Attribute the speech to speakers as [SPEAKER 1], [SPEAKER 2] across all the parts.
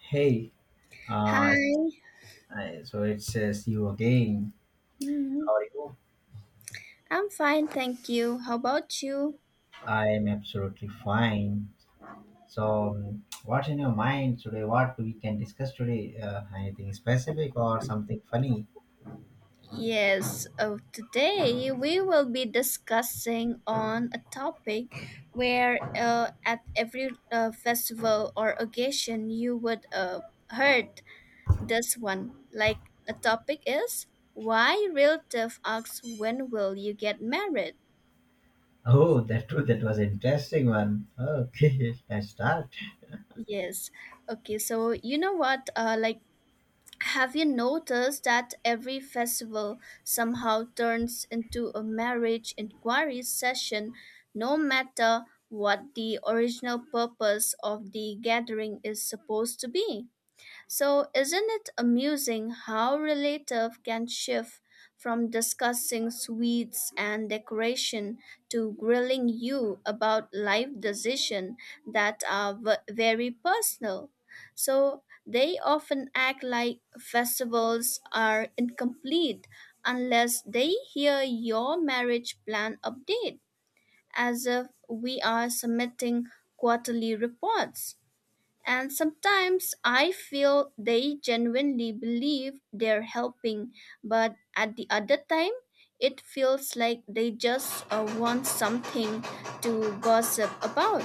[SPEAKER 1] Hey, uh,
[SPEAKER 2] Hi.
[SPEAKER 1] so it says you again.
[SPEAKER 2] Mm,
[SPEAKER 1] How are you?
[SPEAKER 2] I'm fine, thank you. How about you?
[SPEAKER 1] I am absolutely fine. So, what's in your mind today? What we can discuss today? Anything specific or something funny?
[SPEAKER 2] Yes, today we will be discussing on a topic where at every festival or occasion you would heard this one. Like a topic is why relative asks when will you get married?
[SPEAKER 1] Oh, that that was interesting one. Okay, let's start.
[SPEAKER 2] Yes. Okay, so you know what? Like Have you noticed that every festival somehow turns into a marriage inquiry session, no matter what the original purpose of the gathering is supposed to be? So, isn't it amusing how relative can shift from discussing sweets and decoration to grilling you about life decisions that are very personal? So, they often act like festivals are incomplete unless they hear your marriage plan update, as if we are submitting quarterly reports. And sometimes I feel they genuinely believe they're helping, but at the other time, it feels like they just want something to gossip about.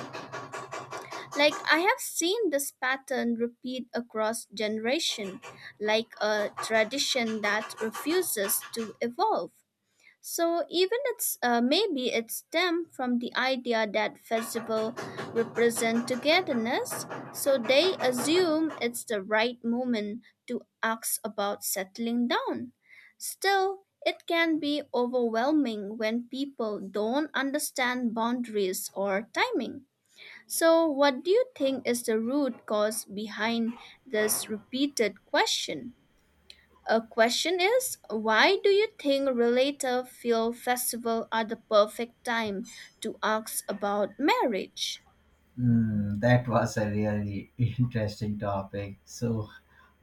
[SPEAKER 2] Like I have seen this pattern repeat across generation, like a tradition that refuses to evolve. So even it's maybe it stemmed from the idea that festival represent togetherness, so they assume it's the right moment to ask about settling down. Still, it can be overwhelming when people don't understand boundaries or timing. So, what do you think is the root cause behind this repeated question? A question is, why do you think related film festival are the perfect time to ask about marriage?
[SPEAKER 1] Mm, that was a really interesting topic. So,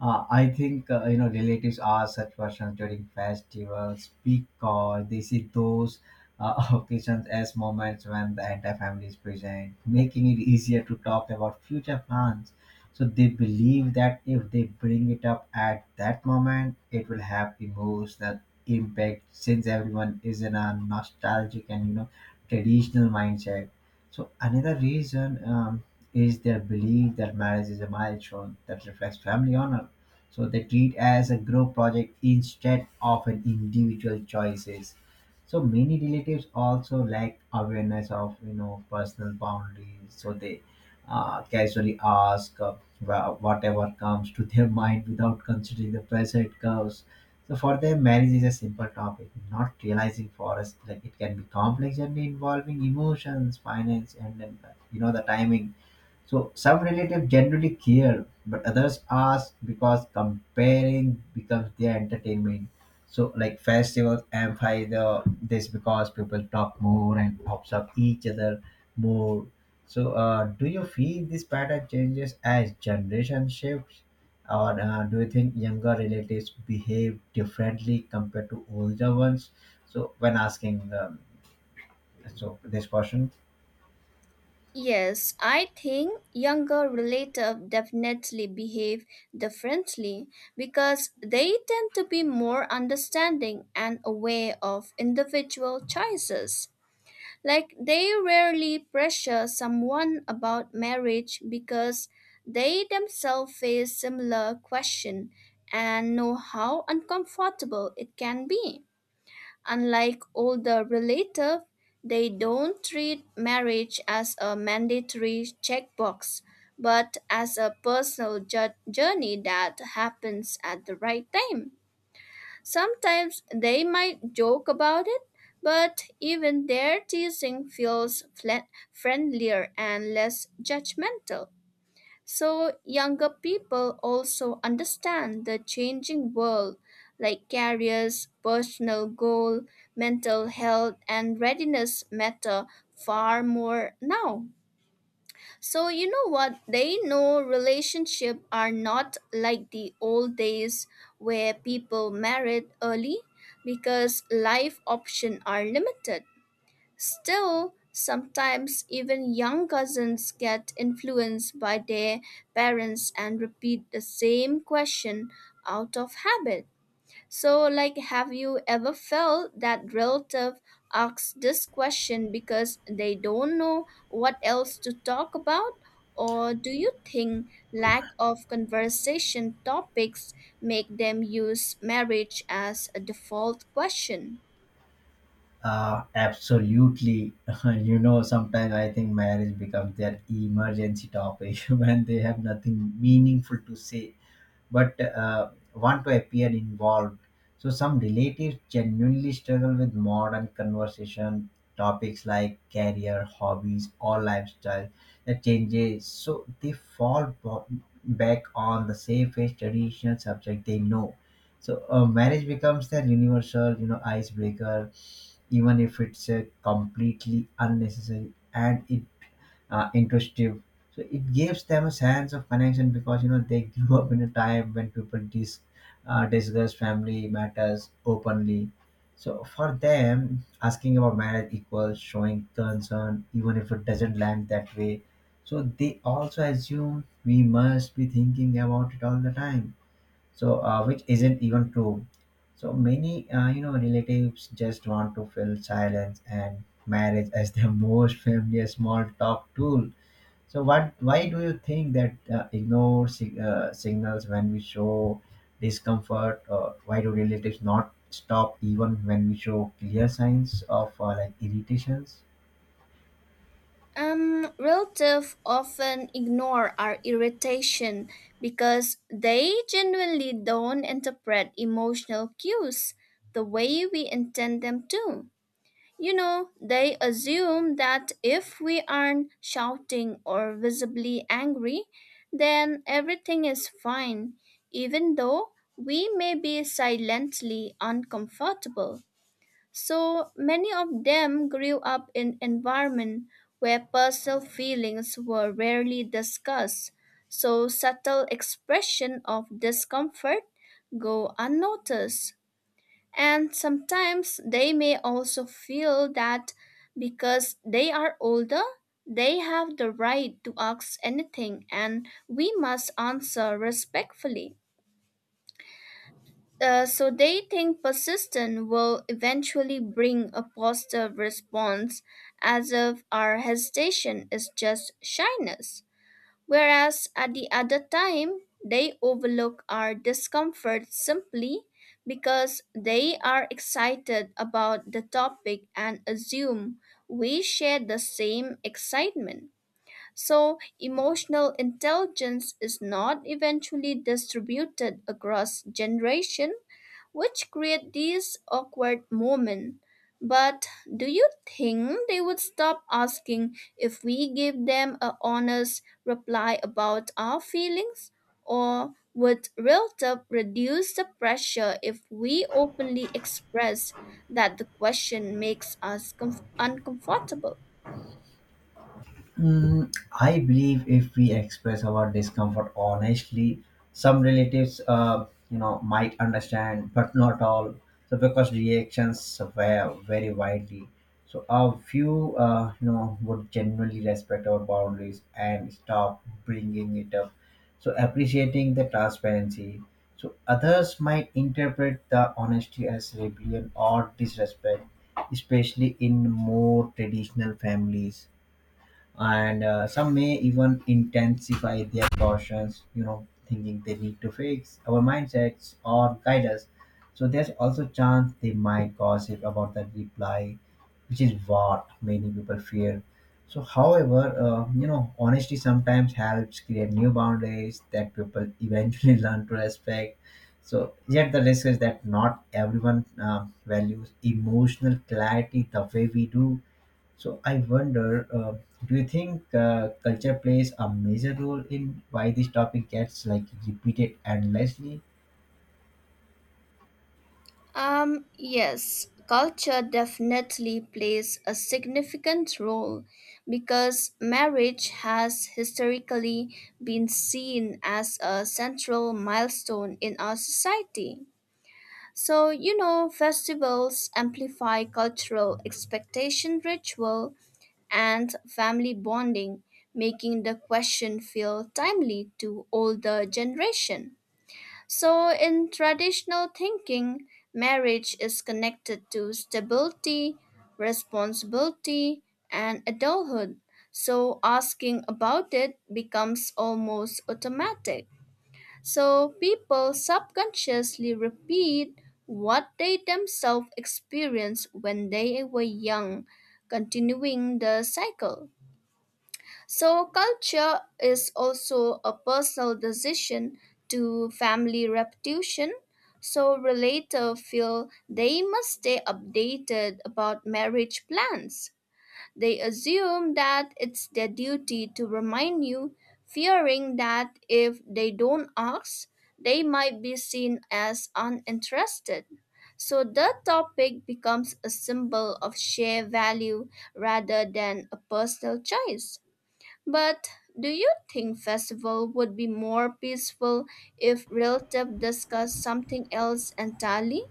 [SPEAKER 1] I think you know relatives ask such questions during festivals because they see those occasions as moments when the entire family is present, making it easier to talk about future plans. So they believe that if they bring it up at that moment, it will have emotional impact since everyone is in a nostalgic and you know traditional mindset. So another reason, is their belief that marriage is a milestone that reflects family honor. So they treat as a group project instead of an individual choices. So many relatives also lack awareness of you know personal boundaries. So they casually ask, whatever comes to their mind without considering the present curves. So for them, marriage is a simple topic, not realizing for us like it can be complex and involving emotions, finance, and then you know the timing. So some relatives generally care, but others ask because comparing becomes their entertainment. So like festivals amplify the this because people talk more and observe each other more. So do you feel this pattern changes as generation shifts, or do you think younger relatives behave differently compared to older ones? So when asking, so this question.
[SPEAKER 2] Yes, I think younger relative definitely behave differently because they tend to be more understanding and aware of individual choices. Like they rarely pressure someone about marriage because they themselves face similar question and know how uncomfortable it can be. Unlike older relatives, they don't treat marriage as a mandatory checkbox, but as a personal journey that happens at the right time. Sometimes they might joke about it, but even their teasing feels flat, friendlier and less judgmental. So younger people also understand the changing world, like careers, personal goal, mental health, and readiness matter far more now. So, you know what? They know relationships are not like the old days where people married early because life options are limited. Still, sometimes even young cousins get influenced by their parents and repeat the same question out of habit. So, like, have you ever felt that relative asks this question because they don't know what else to talk about? Or do you think lack of conversation topics make them use marriage as a default question?
[SPEAKER 1] Absolutely. You know, sometimes I think marriage becomes their emergency topic when they have nothing meaningful to say but want to appear involved. So, some relatives genuinely struggle with modern conversation topics like career, hobbies, or lifestyle that changes. So, they back on the safest traditional subject they know. So, marriage becomes their universal, you know, icebreaker even if it's a completely unnecessary and it intrusive. So it gives them a sense of connection because you know they grew up in a time when people discuss family matters openly. So for them, asking about marriage equals showing concern, even if it doesn't land that way. So they also assume we must be thinking about it all the time, so which isn't even true. So many, you know, relatives just want to fill silence and marriage as their most familiar small talk tool. So what why do you think that signals when we show discomfort, or why do relatives not stop even when we show clear signs of, like, irritations?
[SPEAKER 2] Relatives often ignore our irritation because they genuinely don't interpret emotional cues the way we intend them to. You know, they assume that if we aren't shouting or visibly angry, then everything is fine, even though we may be silently uncomfortable. So many of them grew up in environment where personal feelings were rarely discussed. So subtle expression of discomfort go unnoticed. And sometimes they may also feel that because they are older, they have the right to ask anything and we must answer respectfully. So they think persistence will eventually bring a positive response as if our hesitation is just shyness. Whereas at the other time, they overlook our discomfort simply because they are excited about the topic and assume we share the same excitement. So, emotional intelligence is not eventually distributed across generation, which create these awkward moments. But do you think they would stop asking if we give them a honest reply about our feelings? Or would real talk reduce the pressure if we openly express that the question makes us uncomfortable?
[SPEAKER 1] Mm, I believe if we express our discomfort honestly, some relatives, you know, might understand, but not all. So because reactions were very widely, so a few, you know, would genuinely respect our boundaries and stop bringing it up. So appreciating the transparency. So others might interpret the honesty as rebellion or disrespect, especially in more traditional families, and some may even intensify their cautions you know thinking they need to fix our mindsets or guide us. So there's also chance they might gossip about the reply, which is what many people fear. So however, you know, honesty sometimes helps create new boundaries that people eventually learn to respect. So yet the risk is that not everyone values emotional clarity the way we do. So I wonder, do you think culture plays a major role in why this topic gets like repeated endlessly?
[SPEAKER 2] Yes, culture definitely plays a significant role because marriage has historically been seen as a central milestone in our society. So, you know, festivals amplify cultural expectation ritual and family bonding, making the question feel timely to older generation. So, in traditional thinking, marriage is connected to stability, responsibility, and adulthood. So, asking about it becomes almost automatic. So, people subconsciously repeat what they themselves experienced when they were young, continuing the cycle. So, culture is also a personal decision to family reputation. So, relatives feel they must stay updated about marriage plans. They assume that it's their duty to remind you, fearing that if they don't ask, they might be seen as uninterested. So, the topic becomes a symbol of shared value rather than a personal choice. But do you think festival would be more peaceful if relative discuss something else entirely?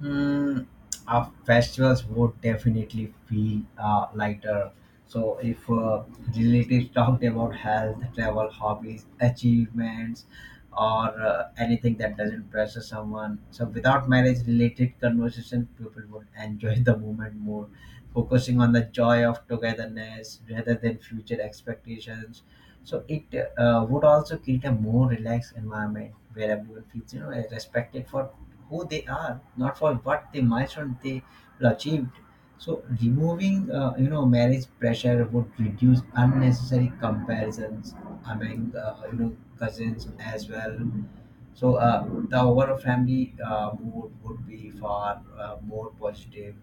[SPEAKER 1] Mm, our festivals would definitely feel lighter. So, if relatives talked about health, travel, hobbies, achievements, or anything that doesn't pressure someone, so without marriage related conversation, people would enjoy the moment more, focusing on the joy of togetherness rather than future expectations. So, it would also create a more relaxed environment where everyone feels you know respected for who they are, not for what they, milestone they will achieved. So removing, you know, marriage pressure would reduce unnecessary comparisons among, you know, cousins as well. So the overall family mood would be far more positive,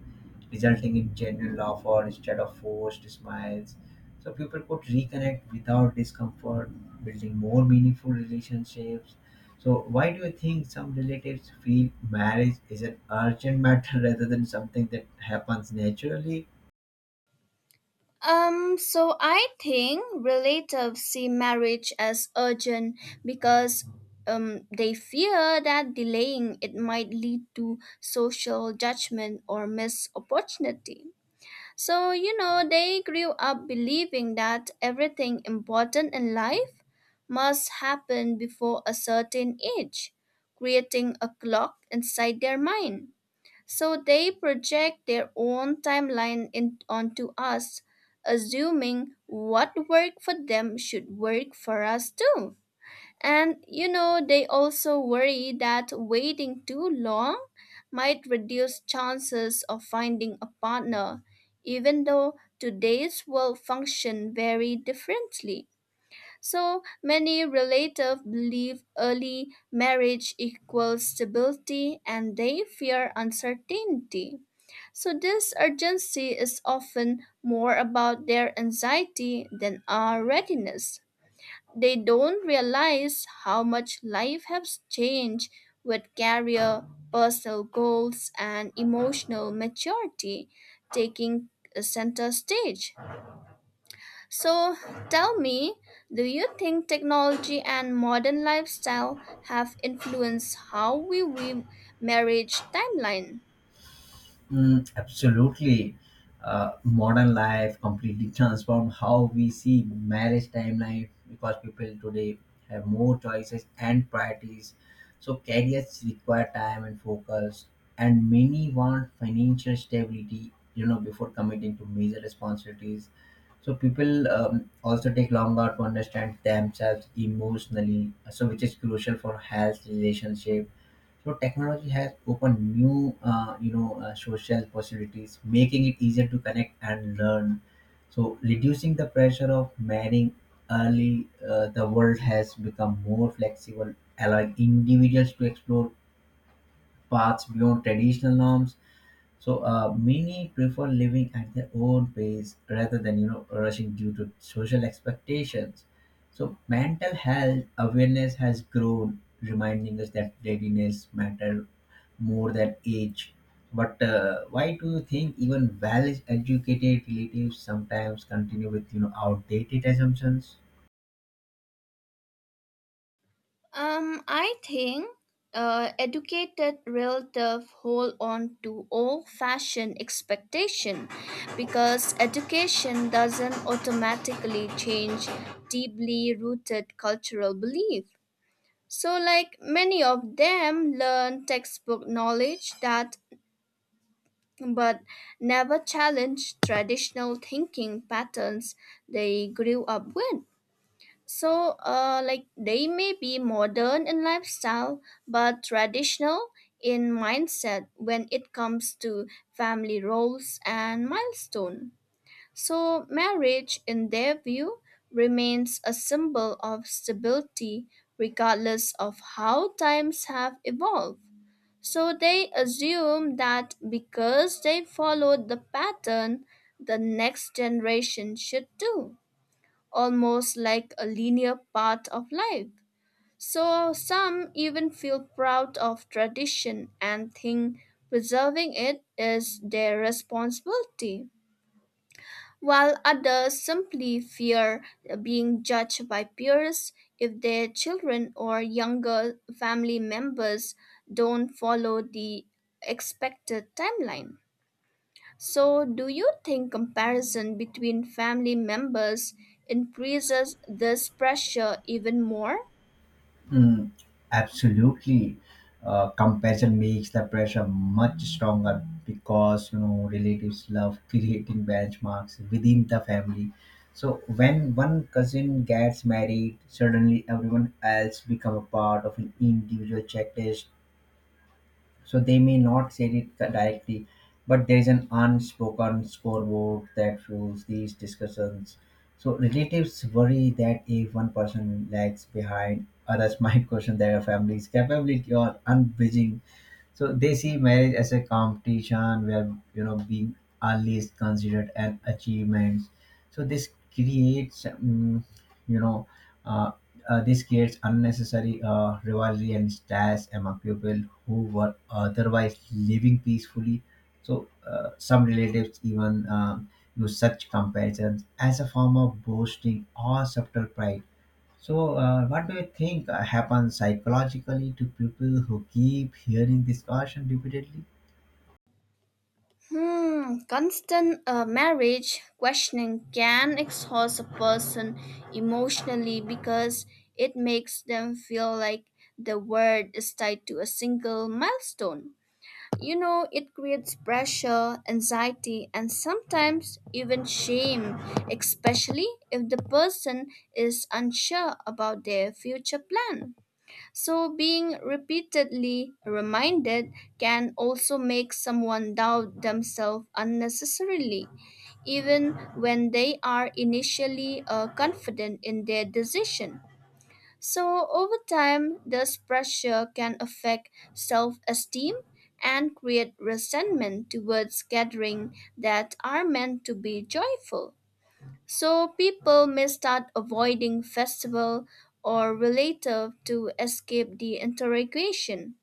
[SPEAKER 1] resulting in genuine laughter instead of forced smiles. So people could reconnect without discomfort, building more meaningful relationships. So why do you think some relatives feel marriage is an urgent matter rather than something that happens naturally?
[SPEAKER 2] So I think relatives see marriage as urgent because they fear that delaying it might lead to social judgment or missed opportunity. So, you know, they grew up believing that everything important in life must happen before a certain age, creating a clock inside their mind. So they project their own timeline in, onto us, assuming what worked for them should work for us too. And you know, they also worry that waiting too long might reduce chances of finding a partner, even though today's world function very differently. So many relatives believe early marriage equals stability and they fear uncertainty. So this urgency is often more about their anxiety than our readiness they don't realize how much life has changed with career, personal goals, and emotional maturity taking a center stage. So tell me, do you think technology and modern lifestyle have influenced how we view marriage timeline?
[SPEAKER 1] Mm, absolutely. Modern life completely transformed how we see marriage timeline because people today have more choices and priorities. So careers require time and focus, and many want financial stability, you know, before committing to major responsibilities. So people, also take longer to understand themselves emotionally, so which is crucial for health, relationship, so technology has opened new, you know, social possibilities, making it easier to connect and learn. So reducing the pressure of marrying early, the world has become more flexible, allowing individuals to explore paths beyond traditional norms. So many prefer living at their own pace rather than you know rushing due to social expectations. So mental health awareness has grown, reminding us that readiness matter more than age. But why do you think even well-educated relatives sometimes continue with you know outdated assumptions?
[SPEAKER 2] I think educated relative hold on to old-fashioned expectation because education doesn't automatically change deeply rooted cultural belief. So, like many of them learn textbook knowledge that but never challenge traditional thinking patterns they grew up with. So, like they may be modern in lifestyle, but traditional in mindset when it comes to family roles and milestone. So, marriage, in their view, remains a symbol of stability regardless of how times have evolved. So, they assume that because they followed the pattern, the next generation should too almost like a linear part of life. So some even feel proud of tradition and think preserving it is their responsibility, while others simply fear being judged by peers if their children or younger family members don't follow the expected timeline. So, do you think comparison between family members increases this pressure even more?
[SPEAKER 1] Mm, absolutely. Compassion makes the pressure much stronger because you know relatives love creating benchmarks within the family. So when one cousin gets married, suddenly everyone else become a part of an individual checklist. So they may not say it directly, but there is an unspoken scoreboard that fuels these discussions. So relatives worry that if one person lags behind, others might question their family's capability or unbridging. So they see marriage as a competition where you know being early is considered an achievement. So this creates, you know, uh, this creates unnecessary rivalry and stress among people who were otherwise living peacefully. So, some relatives even, use such comparisons as a form of boasting or subtle pride. So, what do you think happens psychologically to people who keep hearing this caution repeatedly?
[SPEAKER 2] Hmm, constant marriage questioning can exhaust a person emotionally because it makes them feel like the world is tied to a single milestone. You know, it creates pressure, anxiety, and sometimes even shame, especially if the person is unsure about their future plan. So, being repeatedly reminded can also make someone doubt themselves unnecessarily, even when they are initially confident in their decision. So, over time, this pressure can affect self esteem and create resentment towards gatherings that are meant to be joyful. So, people may start avoiding festival or relative to escape the interrogation.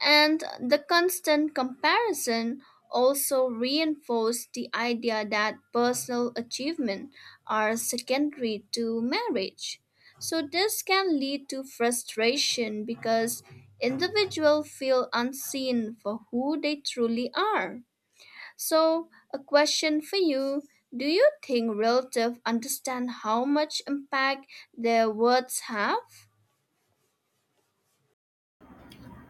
[SPEAKER 2] And the constant comparison also reinforced the idea that personal achievement are secondary to marriage. So this can lead to frustration because individuals feel unseen for who they truly are. So, a question for you, do you think relatives understand how much impact their words have?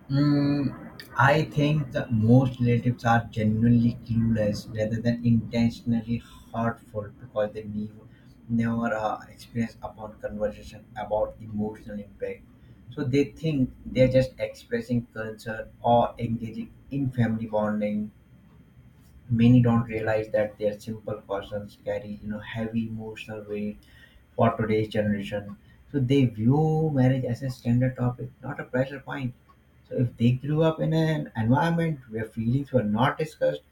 [SPEAKER 1] Mm, I think that most relatives are genuinely clueless rather than intentionally hurtful because they never experience upon conversation about emotional impact. So they think they're just expressing concern or engaging in family bonding. Many don't realize that their simple questions carry, you know, heavy emotional weight for today's generation. So they view marriage as a standard topic, not a pressure point. So if they grew up in an environment where feelings were not discussed,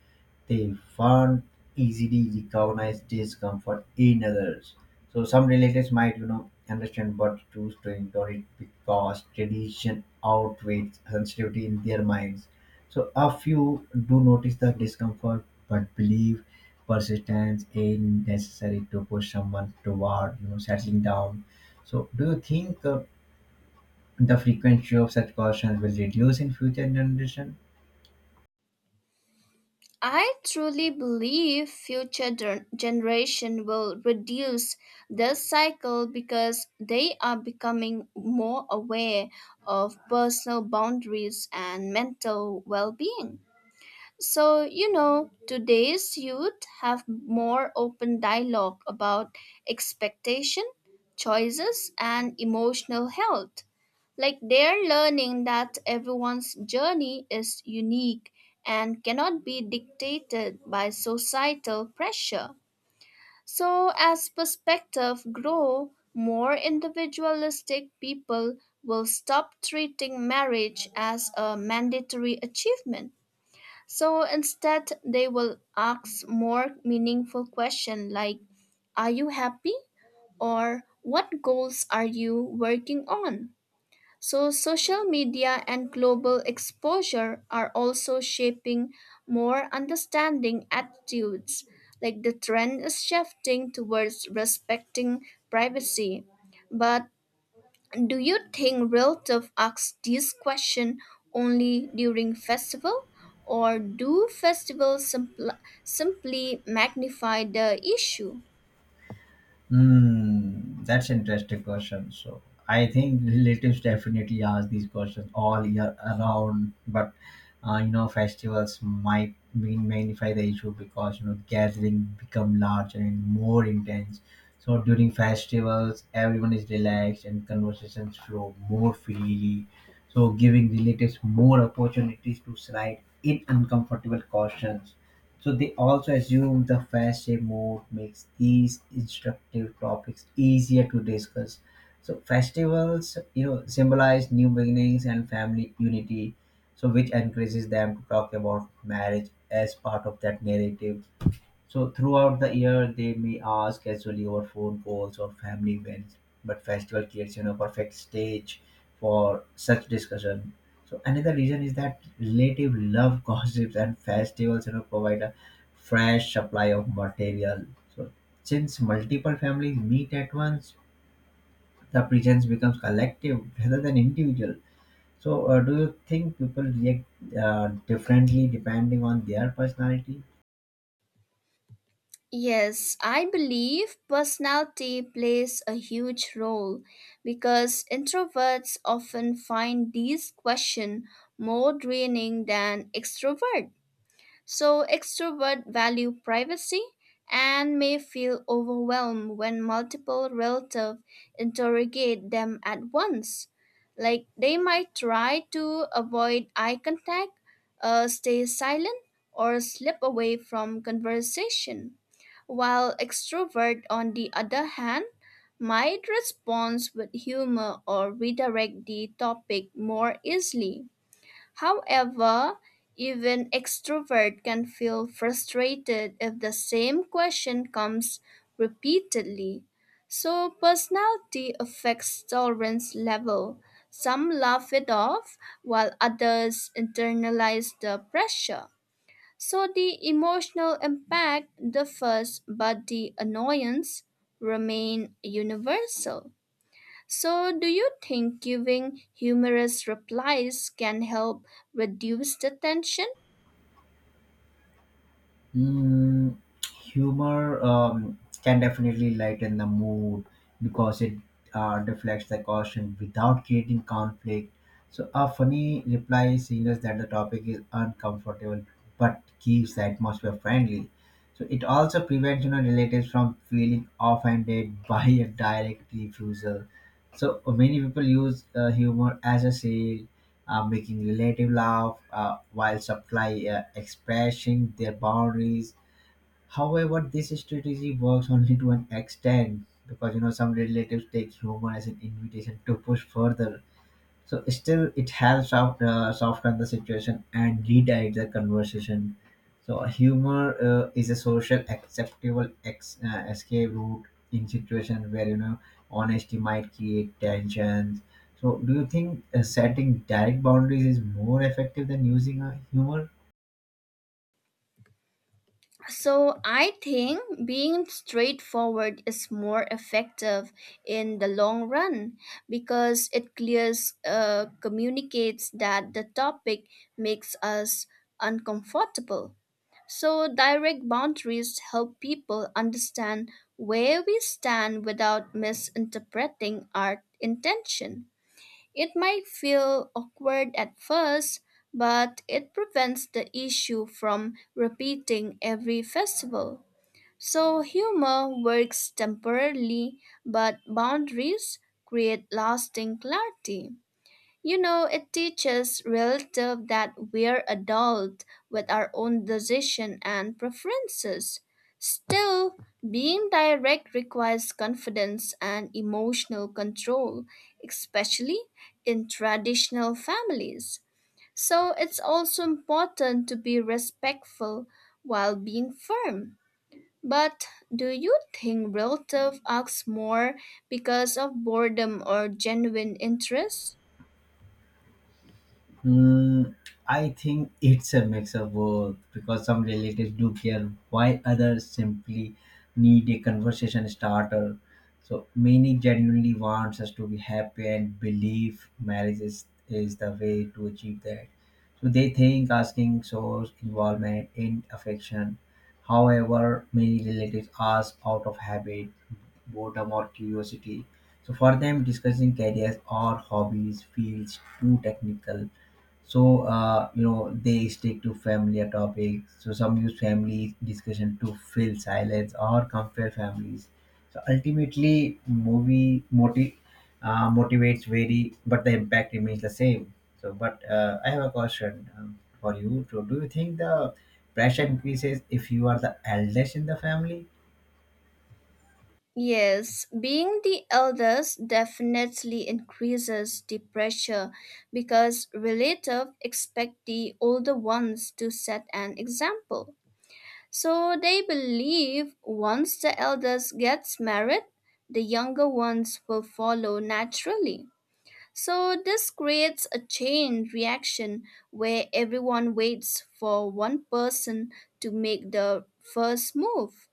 [SPEAKER 1] they found easily recognize discomfort in others. So some relatives might, you know, understand but choose to ignore it because tradition outweighs sensitivity in their minds. So a few do notice the discomfort but believe persistence is necessary to push someone toward, you know, settling down. So do you think the frequency of such cautions will reduce in future generation?
[SPEAKER 2] I truly believe future generation will reduce this cycle because they are becoming more aware of personal boundaries and mental well-being. So, you know, today's youth have more open dialogue about expectation, choices, and emotional health. Like they're learning that everyone's journey is unique and cannot be dictated by societal pressure. So, as perspective grow, more individualistic people will stop treating marriage as a mandatory achievement so instead, they will ask more meaningful questions like, are you happy? Or what goals are you working on? So, social media and global exposure are also shaping more understanding attitudes. Like the trend is shifting towards respecting privacy, but do you think relatives ask this question only during festival, or do festivals simply magnify the issue?
[SPEAKER 1] Hmm, that's interesting question. So I think relatives definitely ask these questions all year around, but you know festivals might mean magnify the issue because you know gathering become larger and more intense. So during festivals, everyone is relaxed and conversations flow more freely. So giving relatives more opportunities to slide in uncomfortable questions. So they also assume the Fache mode makes these instructive topics easier to discuss. So festivals, you know, symbolize new beginnings and family unity, so which encourages them to talk about marriage as part of that narrative. So throughout the year, they may ask casually over phone calls or family events, but festival creates you know perfect stage for such discussion. So another reason is that relative love gossips and festivals you know provide a fresh supply of material. So since multiple families meet at once, the presence becomes collective rather than individual. So do you think people react differently depending on their personality?
[SPEAKER 2] Yes, I believe personality plays a huge role because introverts often find these questions more draining than extroverts. So extrovert value privacy and may feel overwhelmed when multiple relatives interrogate them at once. Like they might try to avoid eye contact, stay silent, or slip away from conversation. While extrovert, on the other hand, might respond with humor or redirect the topic more easily. However, even extrovert can feel frustrated if the same question comes repeatedly. So, personality affects tolerance level. Some laugh it off while others internalize the pressure. So, the emotional impact differs, but the annoyance remain universal. So, do you think giving humorous replies can help reduce the tension?
[SPEAKER 1] Mm, humor, can definitely lighten the mood because it deflects the caution without creating conflict. So, a funny reply signals that the topic is uncomfortable but keeps the atmosphere friendly. So, it also prevents you know, relatives from feeling offended by a direct refusal. So, many people use humor as a shield, making relative laugh, while supply, expressing their boundaries. However, this strategy works only to an extent because you know some relatives take humor as an invitation to push further. So still, it has softened the situation and redied the conversation. So humor is a social acceptable escape route in situations where you know honesty might create tensions. So do you think setting direct boundaries is more effective than using a humor?
[SPEAKER 2] So, I think being straightforward is more effective in the long run because it clears, communicates that the topic makes us uncomfortable. So, direct boundaries help people understand where we stand without misinterpreting our intention. It might feel awkward at first, but it prevents the issue from repeating every festival. So humor works temporarily, but boundaries create lasting clarity. You know, it teaches relative that we're adult with our own decision and preferences. Still, being direct requires confidence and emotional control, especially in traditional families. So, it's also important to be respectful while being firm. But do you think relative acts more because of boredom or genuine interest?
[SPEAKER 1] Mm, I think it's a mix of both because some relatives do care while others simply need a conversation starter. So many genuinely wants us to be happy and believe marriage is the way to achieve that. So they think asking shows involvement in affection. However, many relatives ask out of habit, boredom or curiosity. So for them, discussing careers or hobbies feels too technical. So you know they stick to familiar topics. So some use family discussion to fill silence or compare families. So ultimately motivates vary but the impact remains the same. So but I have a question, for you. So do you think the pressure increases if you are the eldest in the family?
[SPEAKER 2] Yes, being the eldest definitely increases the pressure because relatives expect the older ones to set an example. So they believe once the eldest gets married, the younger ones will follow naturally. So this creates a chain reaction where everyone waits for one person to make the first move.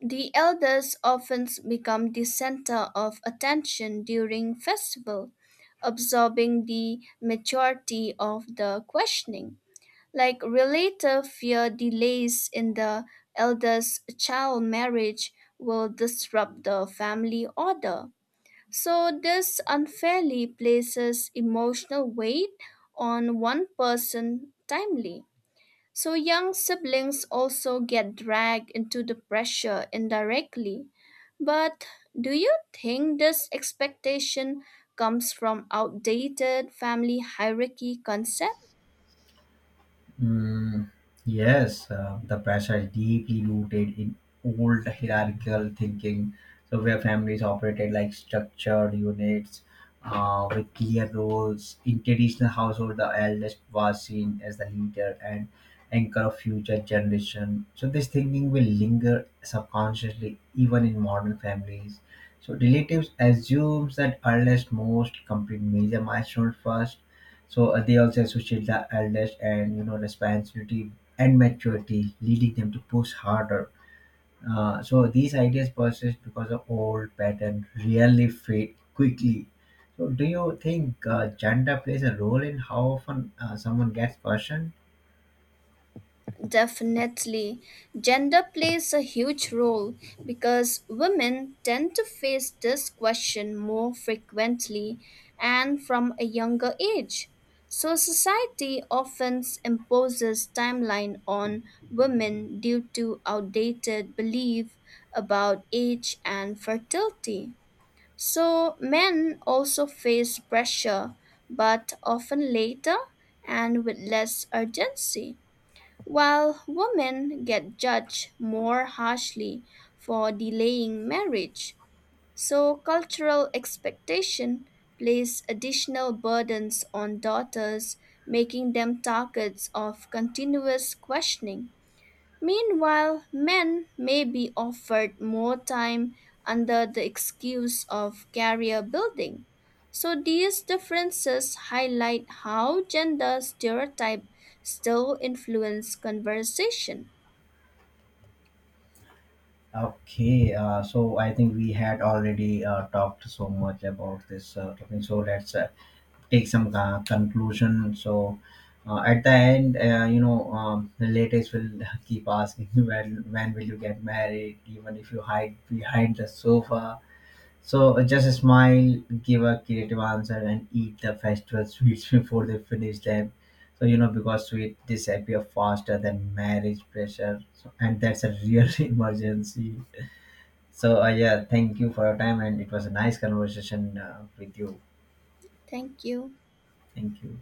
[SPEAKER 2] The elders often become the center of attention during festival, absorbing the majority of the questioning. Like relative fear delays in the elders' child marriage will disrupt the family order. So this unfairly places emotional weight on one person timely. So young siblings also get dragged into the pressure indirectly. But do you think this expectation comes from outdated family hierarchy concept?
[SPEAKER 1] Mm, yes, the pressure is deeply rooted in old hierarchical thinking, so where families operated like structured units with clear roles. In traditional household, the eldest was seen as the leader and anchor of future generation. So this thinking will linger subconsciously even in modern families. So relatives assumes that eldest most complete major milestones first. So they also associate the elders and you know responsibility and maturity, leading them to push harder. So these ideas persist because of old pattern really fade quickly. So do you think gender plays a role in how often someone gets questioned?
[SPEAKER 2] Definitely. Gender plays a huge role because women tend to face this question more frequently and from a younger age. So society often imposes timeline on women due to outdated belief about age and fertility. So men also face pressure but often later and with less urgency. While women get judged more harshly for delaying marriage, so cultural expectation place additional burdens on daughters, making them targets of continuous questioning. Meanwhile, men may be offered more time under the excuse of career building. So these differences highlight how gender stereotype still influence conversation.
[SPEAKER 1] Okay, so I think we had already talked so much about this topic. So let's, take some conclusion. So at the end, you know, relatives will keep asking you when will you get married, even if you hide behind the sofa. So just smile, give a creative answer, and eat the festival sweets before they finish them. So you know because sweet disappear faster than marriage pressure, so, and that's a real emergency. So yeah, thank you for your time, and it was a nice conversation with you.
[SPEAKER 2] Thank you.
[SPEAKER 1] Thank you.